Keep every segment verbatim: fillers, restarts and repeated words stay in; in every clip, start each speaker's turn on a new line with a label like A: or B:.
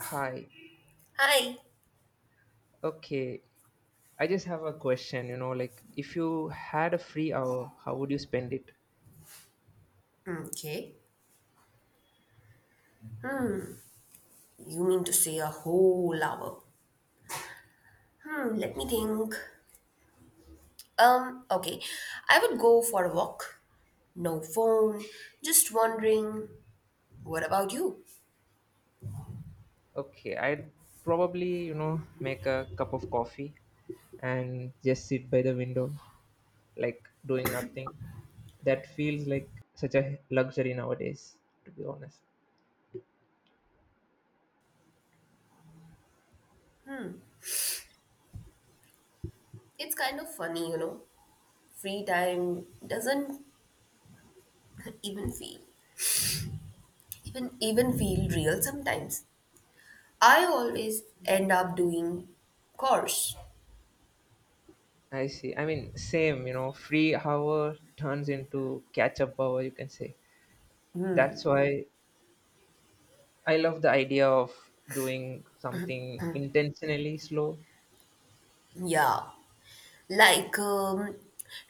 A: Hi.
B: Hi.
A: Okay. I just have a question, you know, like if you had a free hour, how would you spend it?
B: Okay. Hmm. You mean to say a whole hour? Hmm. Let me think. Um. Okay. I would go for a walk. No phone. Just wandering. What about you?
A: Okay, I'd probably, you know, make a cup of coffee and just sit by the window, like doing nothing. That feels like such a luxury nowadays, to be honest.
B: It's kind of funny, you know. Free time doesn't even feel even even feel real sometimes. I always end up doing chores.
A: I see. I mean, same, you know, free hour turns into catch up hour, you can say. That's
B: Hmm.
A: why I love the idea of doing something intentionally slow.
B: Yeah, like um,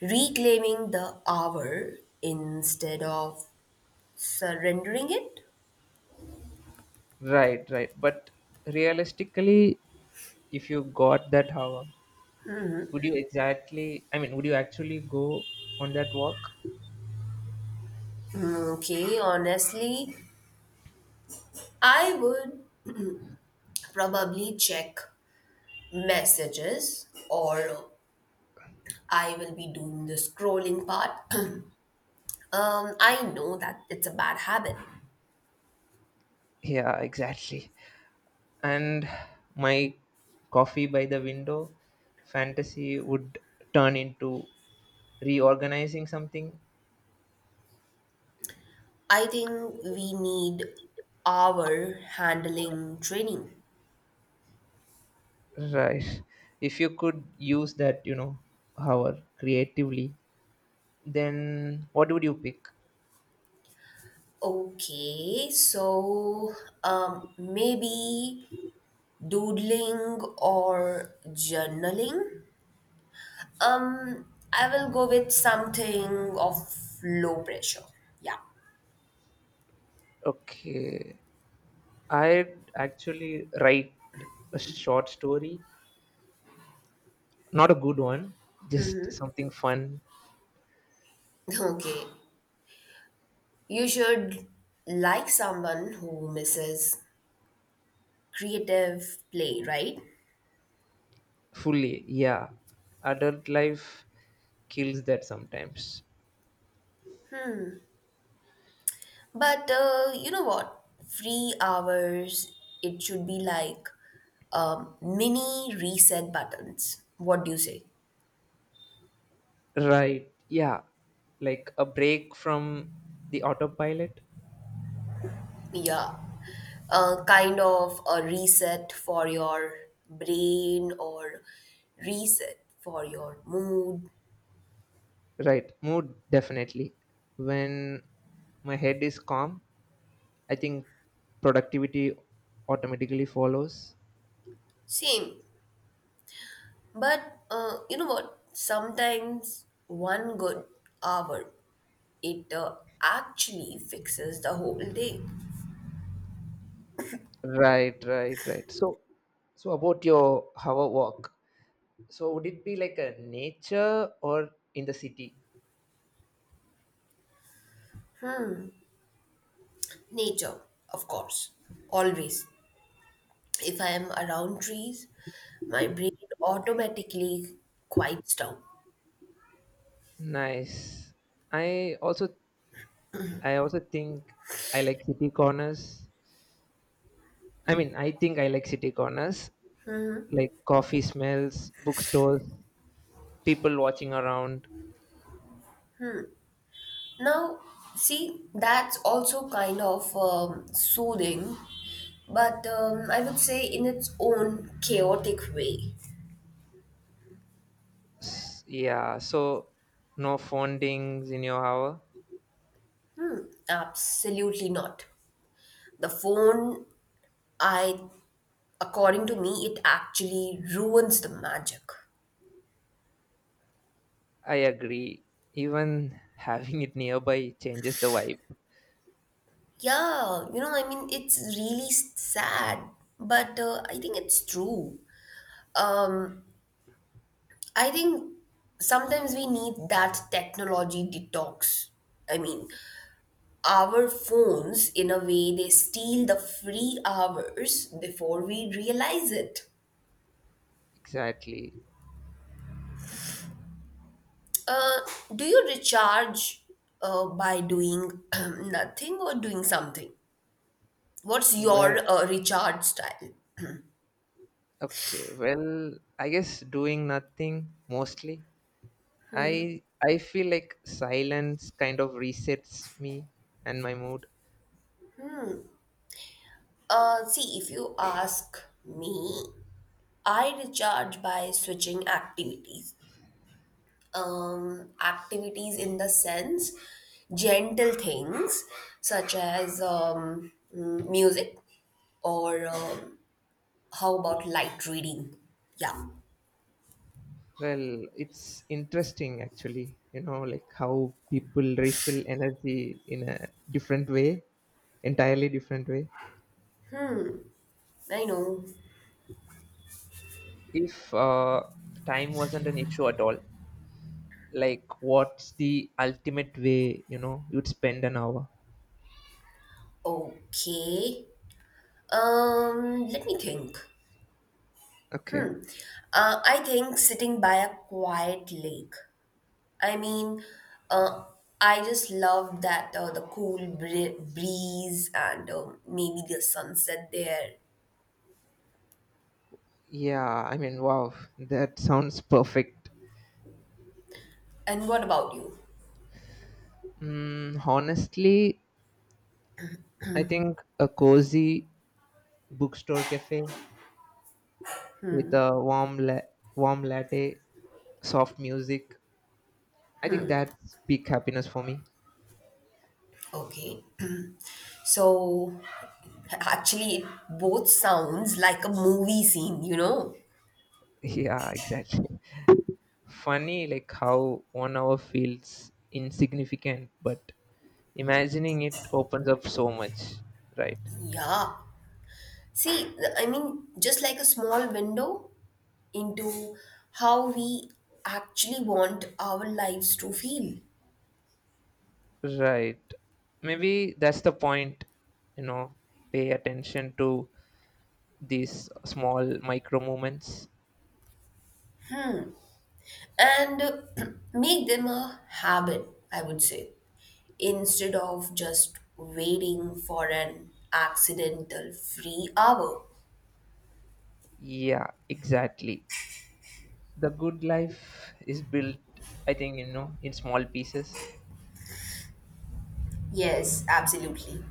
B: reclaiming the hour instead of surrendering it?
A: Right, right. But realistically, if you got that hour, would you exactly, I mean, would you actually go on that walk?
B: Mm. Okay, honestly, I would probably check messages, or I will be doing the scrolling part. um, I know that it's a bad habit.
A: Yeah, exactly. And my coffee by the window fantasy would turn into reorganizing something.
B: I think we need our handling training.
A: Right. If you could use that, you know, hour creatively, then what would you pick?
B: Okay, so um, maybe doodling or journaling. Um, I will go with something of low pressure. Yeah.
A: Okay. I'd actually write a short story. Not a good one, just something fun.
B: Okay. You should, like someone who misses creative play, right?
A: Fully, yeah. Adult life kills that sometimes.
B: But uh, you know what? Free hours, it should be like um, mini reset buttons. What do you say?
A: Right, yeah. Like a break from the autopilot.
B: Yeah, a kind of a reset for your brain, or reset for your mood.
A: Right, mood definitely. When my head is calm, I think productivity automatically follows.
B: Same. But uh, you know what? Sometimes one good hour, it uh, actually fixes the whole day.
A: Right, right, right. So, so about your hour walk. So would it be like a nature or in the city?
B: Nature, of course, always. If I am around trees, my brain automatically quiets down.
A: Nice. I also I also think I like city corners. I mean, I think I like city corners, like coffee smells, bookstores, people watching around.
B: Now, see, that's also kind of um, soothing, but um, I would say in its own chaotic way.
A: S- Yeah, so no phone dings in your hour.
B: Hmm, absolutely not. The phone, I, according to me, it actually ruins the magic.
A: I agree. Even having it nearby changes the vibe.
B: Yeah, you know, I mean, it's really s- sad, but uh, I think it's true. Um, I think sometimes we need that technology detox. I mean, our phones, in a way, they steal the free hours before we realize it.
A: Exactly.
B: Uh, do you recharge uh, by doing nothing or doing something? What's your
A: Well,
B: uh, recharge style?
A: okay. Well, I guess doing nothing mostly. I I feel like silence kind of resets me and my mood.
B: Uh, see, if you ask me, I recharge by switching activities. Um, activities in the sense, gentle things such as um, mm, music or um, how about light reading? Yeah,
A: Well, it's interesting actually, you know, like how people refill energy in a different way, entirely different way.
B: I know.
A: If uh, time wasn't an issue at all, like what's the ultimate way, you know, you'd spend an hour?
B: Okay. Um, let me think.
A: Okay.
B: Uh, I think sitting by a quiet lake, I mean, uh, I just love that, uh, the cool bri- breeze and uh, maybe the sunset there.
A: Yeah, I mean, wow, that sounds perfect.
B: And what about you?
A: Mm, honestly, I think a cozy bookstore cafe with a warm la- warm latte, soft music. I think that's peak happiness for me.
B: Okay, so actually, it both sounds like a movie scene, you know?
A: Yeah, exactly. Funny like how one hour feels insignificant, but imagining it opens up so much, right?
B: Yeah. See, I mean, just like a small window into how we actually want our lives to feel,
A: Right. Maybe that's the point, you know, pay attention to these small micro moments.
B: and make them a habit, I would say, instead of just waiting for an accidental free hour.
A: Yeah, exactly. The good life is built, I think, you know in small pieces.
B: Yes, absolutely.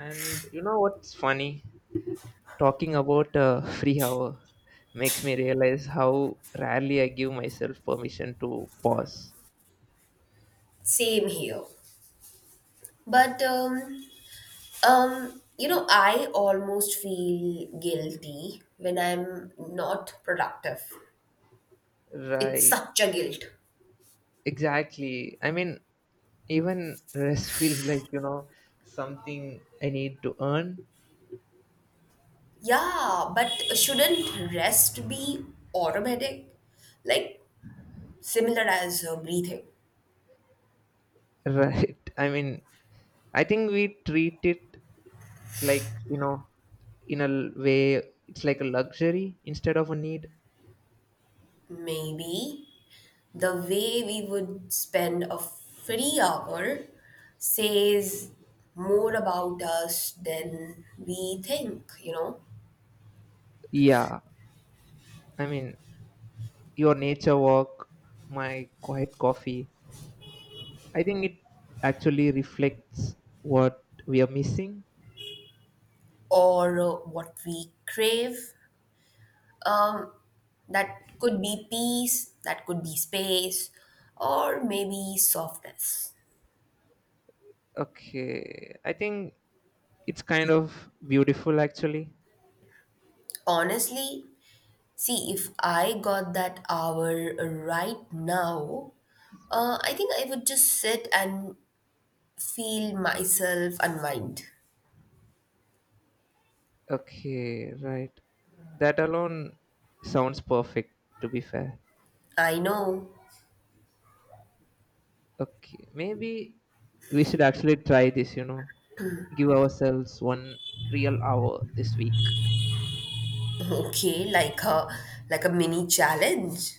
A: And, you know what's funny, talking about a free hour makes me realize how rarely I give myself permission to pause.
B: Same here. But um um you know, I almost feel guilty when I'm not productive. It's
A: Right.
B: such a guilt.
A: Exactly, I mean, even rest feels like, you know something I need to earn.
B: Yeah, but shouldn't rest be automatic? Like similar as uh, breathing.
A: Right, I mean, I think we treat it like, you know in a l- way, it's like a luxury instead of a need.
B: Maybe the way we would spend a free hour says more about us than we think, you know,
A: Yeah, I mean, your nature walk, my quiet coffee. I think it actually reflects what we are missing.
B: or uh, what we crave. Um, that could be peace, that could be space, or maybe softness.
A: Okay, I think it's kind of beautiful actually.
B: Honestly, see, if I got that hour right now, uh, I think I would just sit and feel myself unwind.
A: Okay, right. That alone sounds perfect to be fair.
B: I know.
A: Okay, maybe we should actually try this, you know, give ourselves one real hour this week.
B: Okay, like a like a mini challenge.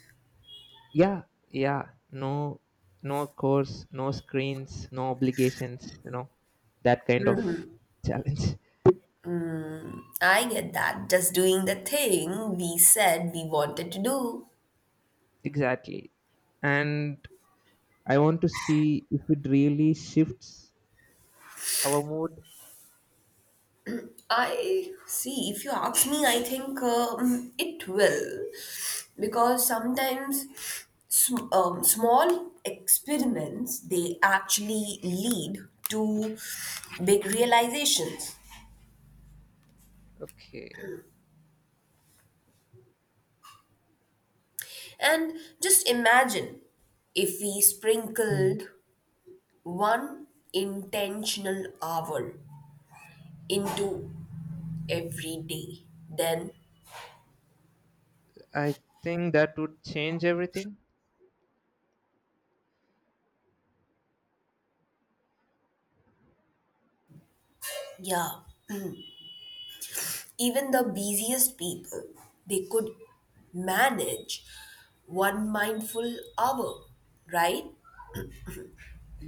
A: Yeah, yeah, no, no course, no screens, no obligations, you know that kind of challenge.
B: I get that. Just doing the thing we said we wanted to do.
A: Exactly. And I want to see if it really shifts our mood.
B: I see. If you ask me, I think um, it will, because sometimes sm- um, small experiments, they actually lead to big realizations.
A: Okay.
B: And just imagine if we
A: Mm.
B: sprinkled one intentional hour into every day, then
A: I think that would change everything.
B: yeah, even the busiest people, they could manage one mindful hour, right?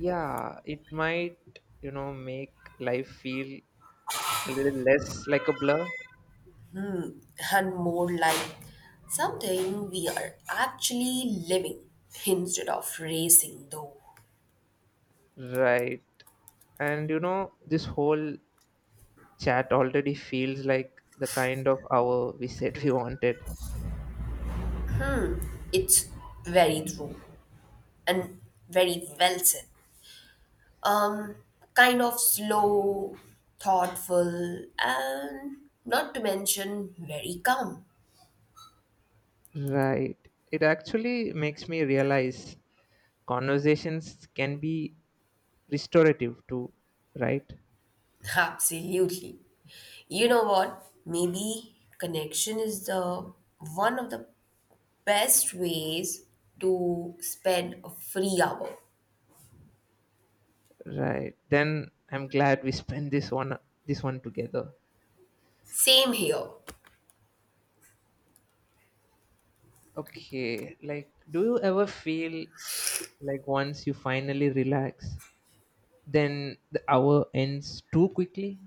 A: Yeah, it might, you know make life feel a little less like a blur.
B: And more like something we are actually living instead of racing though.
A: Right. And, you know this whole chat already feels like the kind of hour we said we wanted.
B: It's very true and very well said. Um kind of slow, thoughtful, and not to mention very calm.
A: Right. It actually makes me realize conversations can be restorative too, right?
B: Absolutely. You know what? Maybe connection is the one of the best ways to spend a free hour.
A: Right. Then I'm glad we spent this one this one together.
B: Same here.
A: Okay. Like do you ever feel like once you finally relax, then the hour ends too quickly?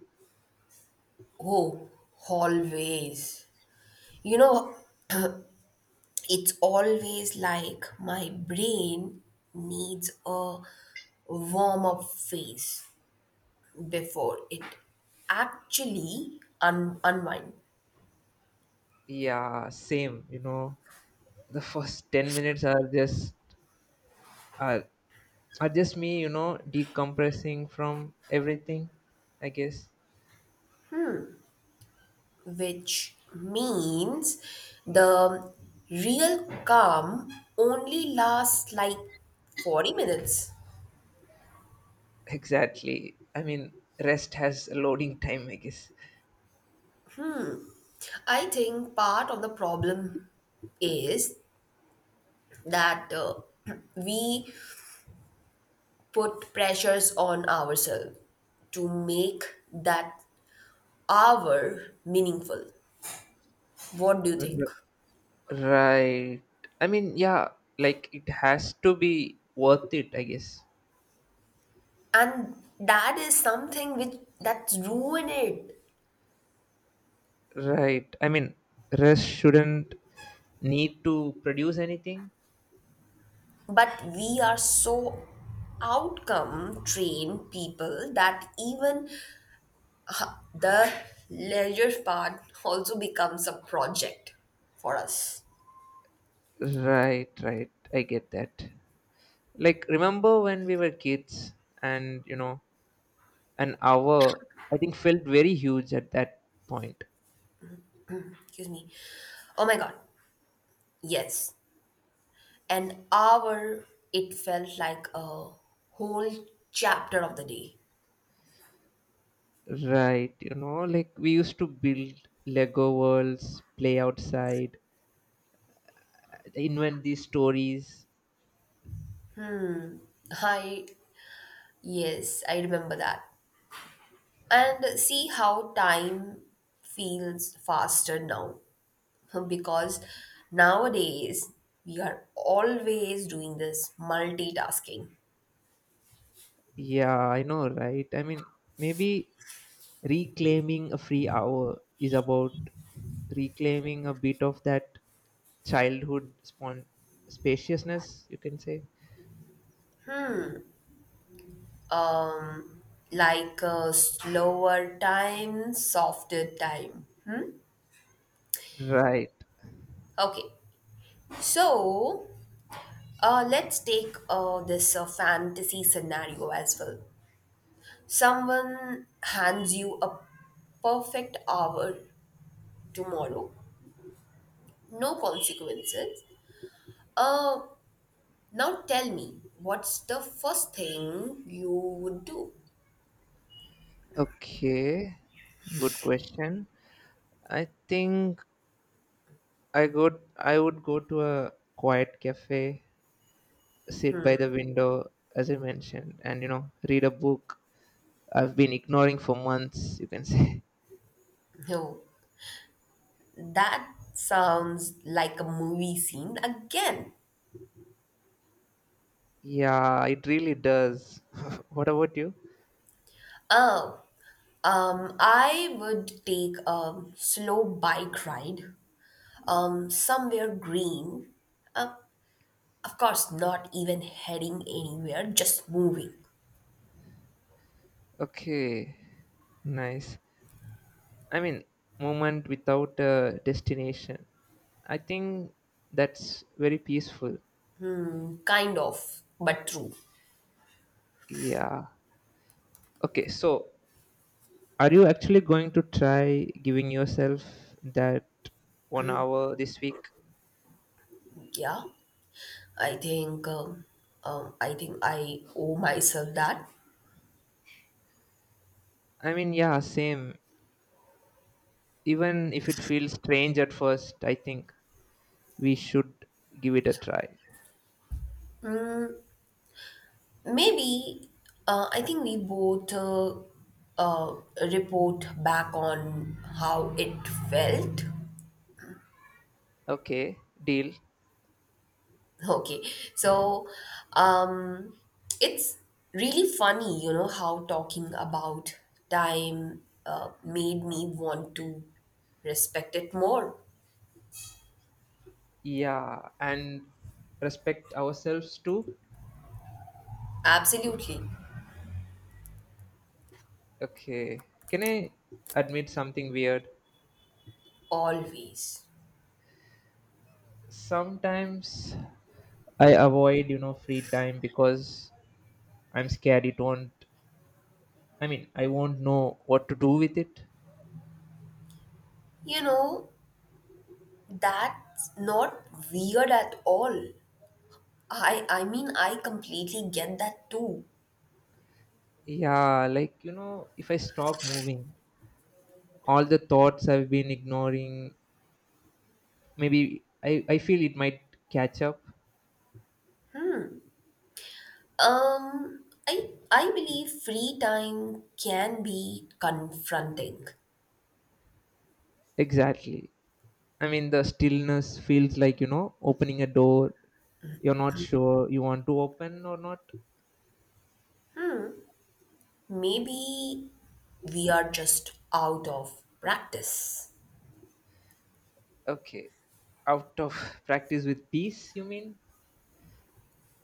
B: Oh, always. You know, it's always like my brain needs a warm up phase before it actually un- unwind,
A: Yeah, same, you know. The first ten minutes are just are Or just me, you know, decompressing from everything, I guess.
B: which means the real calm only lasts like forty minutes.
A: Exactly. I mean, rest has a loading time, I guess.
B: I think part of the problem is that uh, we put pressures on ourselves to make that hour meaningful. What do you think?
A: Right. I mean, yeah, like it has to be worth it, I guess.
B: And that is something which that's ruined it.
A: Right. I mean, rest shouldn't need to produce anything.
B: But we are so outcome trained people that even uh, the leisure part also becomes a project for us.
A: Right, right. I get that. Like, remember when we were kids and, you know, an hour, I think, felt very huge at that point.
B: Excuse me. Oh my God. Yes. An hour, it felt like a whole chapter of the day.
A: Right, you know, like we used to build Lego worlds, play outside, invent these stories.
B: I, yes, I remember that. And see how time feels faster now because nowadays we are always doing this multitasking,
A: Yeah, I know, right? I mean, maybe reclaiming a free hour is about reclaiming a bit of that childhood spawn spaciousness, you can say.
B: um like a slower time, softer time, hmm?
A: Right.
B: Okay, so uh, let's take uh, this uh, fantasy scenario as well. Someone hands you a perfect hour tomorrow, no consequences. uh Now tell me, what's the first thing you would do?
A: Okay. Good question. I think I go I would go to a quiet cafe, sit by the window, as I mentioned, and, you know, read a book I've been ignoring for months, you can say.
B: No, that sounds like a movie scene again.
A: Yeah, it really does. What about you?
B: Oh, um, I would take a slow bike ride, um, somewhere green. Uh, of course, not even heading anywhere, just moving,
A: Okay, nice. I mean, moment without a destination. I think that's very peaceful.
B: kind of, but true.
A: Yeah. Okay, so are you actually going to try giving yourself that one hour this week?
B: Yeah, I think, um, um, I think I owe myself that.
A: I mean, yeah, same. Even if it feels strange at first, I think we should give it a try.
B: Maybe uh, I think we both uh, uh, report back on how it felt.
A: Okay, deal.
B: Okay, so um, it's really funny, you know, how talking about time uh, made me want to respect it more.
A: Yeah, and respect ourselves too.
B: Absolutely,
A: Okay, can I admit something weird?
B: always.
A: Sometimes I avoid, you know, free time because I'm scared it won't, I mean, I won't know what to do with it.
B: You know, that's not weird at all. I I mean, I completely get that too.
A: Yeah, like, you know, if I stop moving, all the thoughts I've been ignoring, maybe I, I feel it might catch up.
B: Um, I I believe free time can be confronting.
A: Exactly. I mean, the stillness feels like, you know, opening a door you're not sure you want to open or not.
B: Maybe we are just out of practice.
A: Okay. Out of practice with peace, you mean?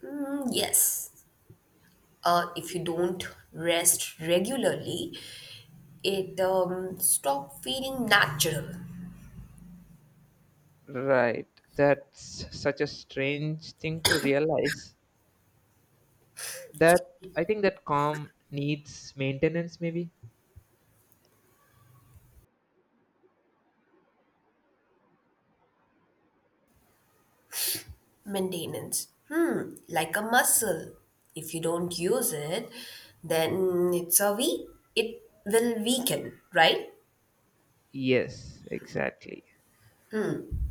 B: Mm, yes. Uh, if you don't rest regularly, it um, stop feeling natural.
A: Right. That's such a strange thing to realize. That I think that calm needs maintenance, maybe?
B: Maintenance. Hmm, like a muscle. If you don't use it, then it's a weak. It will weaken, right?
A: Yes, exactly.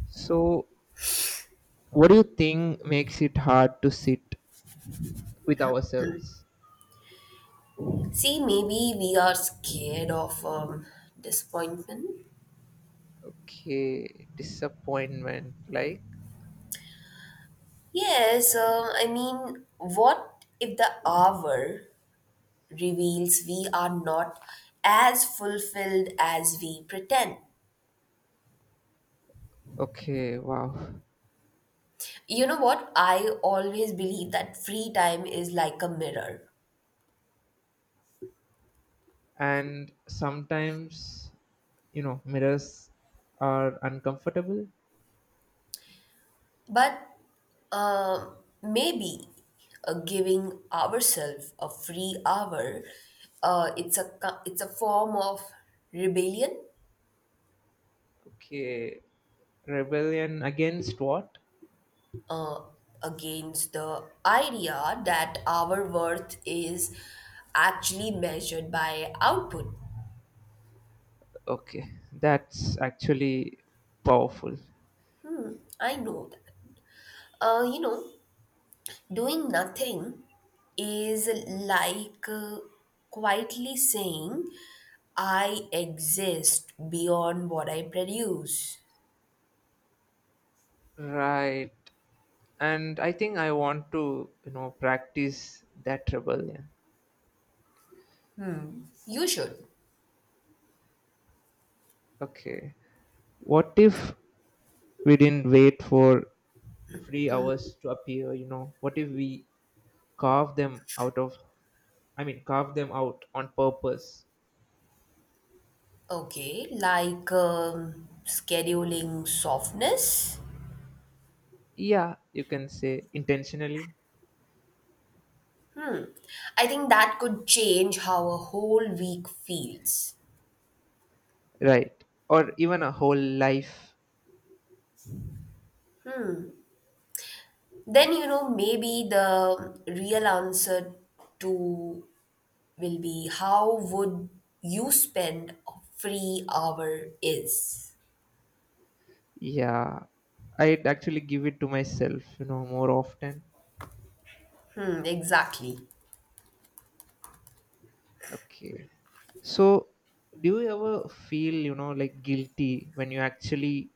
A: So, what do you think makes it hard to sit with ourselves?
B: See, maybe we are scared of um, disappointment.
A: Okay, disappointment. Like,
B: Yes, um, I mean, what if the hour reveals we are not as fulfilled as we pretend?
A: okay, wow.
B: You know what? I always believe that free time is like a mirror.
A: And sometimes, you know, mirrors are uncomfortable.
B: But um maybe uh, giving ourselves a free hour, uh, it's a co- it's a form of rebellion,
A: Okay, rebellion against what?
B: uh, against the idea that our worth is actually measured by output.
A: Okay, that's actually powerful.
B: I know that. Uh, you know, doing nothing is like uh, quietly saying, I exist beyond what I produce.
A: Right. And I think I want to, you know, practice that rebellion.
B: You should.
A: Okay. What if we didn't wait for three hours to appear, you know? What if we carve them out of, I mean, carve them out on purpose.
B: Okay, like um, scheduling softness.
A: Yeah, you can say intentionally.
B: I think that could change how a whole week feels.
A: Right, or even a whole life.
B: Then, you know, maybe the real answer to will be how would you spend a free hour is,
A: Yeah, I'd actually give it to myself, you know more often.
B: hmm, exactly.
A: Okay, so do you ever feel, you know like guilty when you actually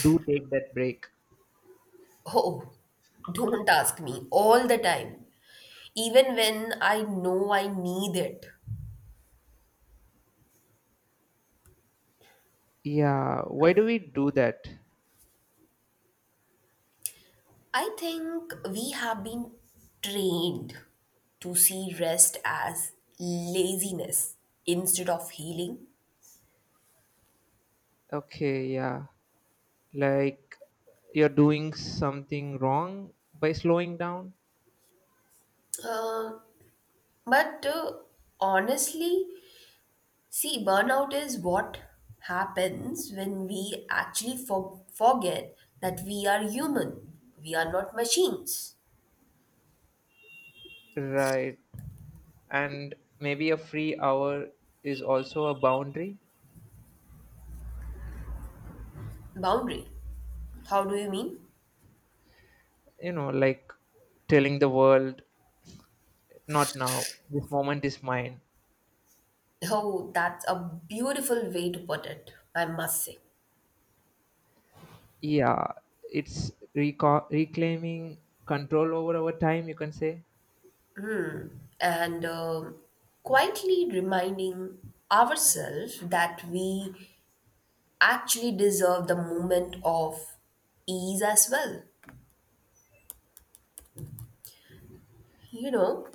A: do take that break?
B: Oh, don't ask me. All the time, even when I know I need it.
A: Yeah, why do we do that?
B: I think we have been trained to see rest as laziness instead of healing.
A: Okay, yeah, like you're doing something wrong by slowing down.
B: But uh, honestly, see, burnout is what happens when we actually for- forget that we are human. We are not machines.
A: Right, and maybe a free hour is also a boundary.
B: Boundary. How do you mean?
A: you know like telling the world not now, this moment is mine.
B: Oh, that's a beautiful way to put it, I must say.
A: Yeah, it's reco- reclaiming control over our time, you can say.
B: And um quietly reminding ourselves that we actually deserve the moment of ease as well. You know,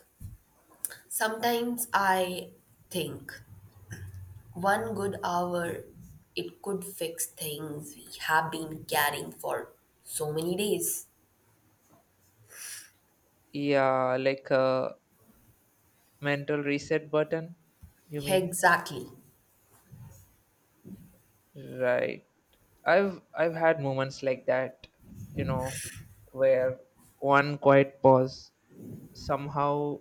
B: sometimes I think one good hour, it could fix things we have been carrying for so many days.
A: Yeah, like a mental reset button, you mean?
B: Exactly.
A: Right, i've i've had moments like that, you know where one quiet pause somehow,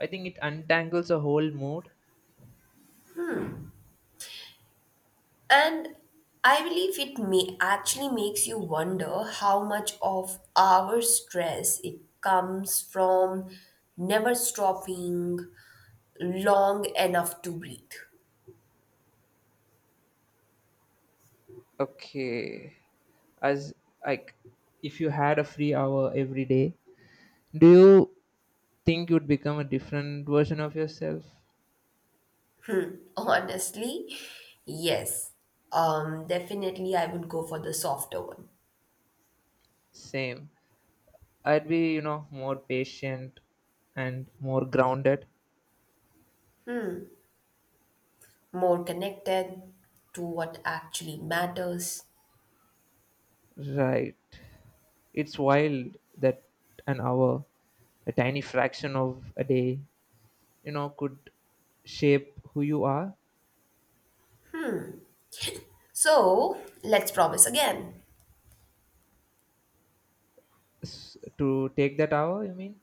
A: I think, it untangles a whole mood.
B: And I believe it may actually makes you wonder how much of our stress it comes from never stopping long enough to breathe.
A: Okay, as like if you had a free hour every day, do you think you'd become a different version of yourself?
B: Honestly, yes. Um, definitely I would go for the softer one.
A: Same, I'd be, you know more patient and more grounded.
B: More connected to what actually matters.
A: Right, it's wild that an hour, a tiny fraction of a day, you know could shape who you are.
B: So let's promise again.
A: S- to take that hour, you mean?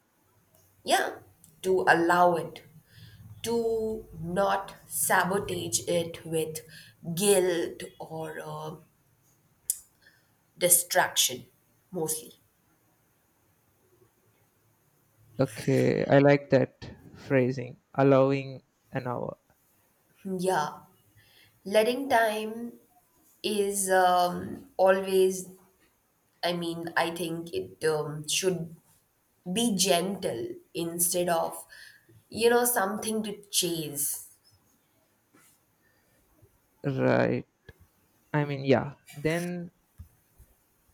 B: Yeah, to allow it, to not sabotage it with guilt or uh, distraction, mostly.
A: Okay, I like that phrasing, allowing an hour.
B: Yeah, letting time is um, always, I mean, I think it um, should be gentle instead of, you know, something to chase.
A: Right. I mean, yeah. Then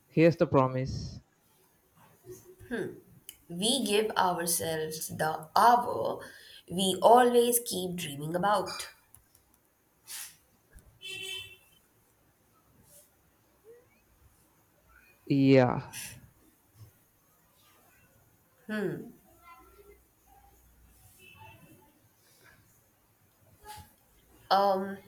A: here's the promise.
B: We give ourselves the hour we always keep dreaming about.
A: Yeah.
B: Um,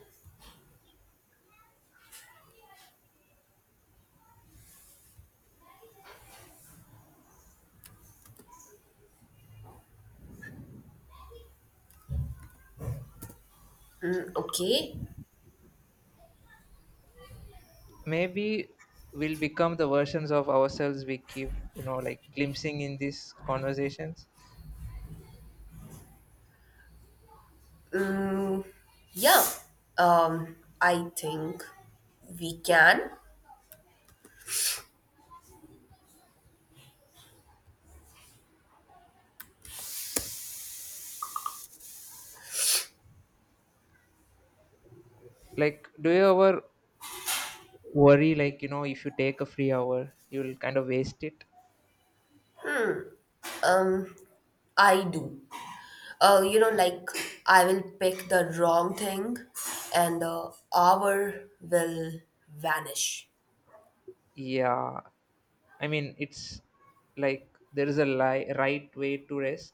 B: okay.
A: Maybe we'll become the versions of ourselves we keep, you know, like glimpsing in these conversations.
B: Yeah. Um, I think we can.
A: Like, do you ever worry, like, you know, if you take a free hour, you'll kind of waste it?
B: I do. Uh, you know, like I will pick the wrong thing and the hour will vanish.
A: Yeah. I mean, it's like there is a li- right way to rest.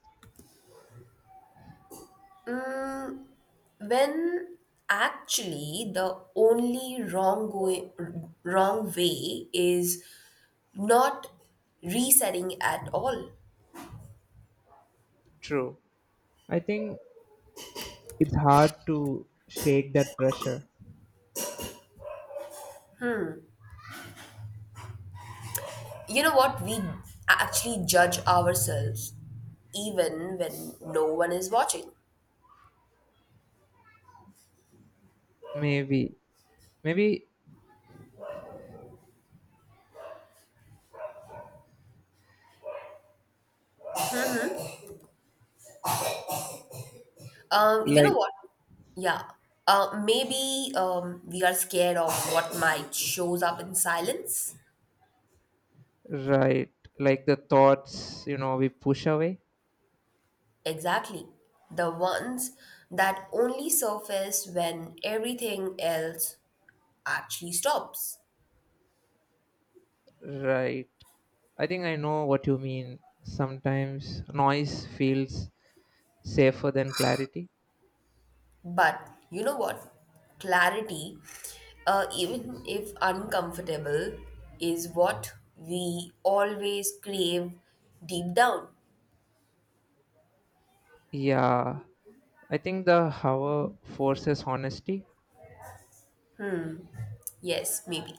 B: When actually the only wrong way, wrong way is not resetting at all.
A: True. I think it's hard to shake that pressure.
B: You know what? We actually judge ourselves even when no one is watching.
A: Maybe. Maybe,
B: Um, you know
A: like,
B: what? Yeah. Uh, maybe um, we are scared of what might shows up in silence.
A: right. Like the thoughts, you know, we push away.
B: Exactly. The ones that only surface when everything else actually stops.
A: Right. I think I know what you mean. Sometimes noise feels safer than clarity.
B: But you know what? Clarity, uh, even if uncomfortable, is what we always crave deep down.
A: Yeah. I think the hour forces honesty.
B: Yes, maybe.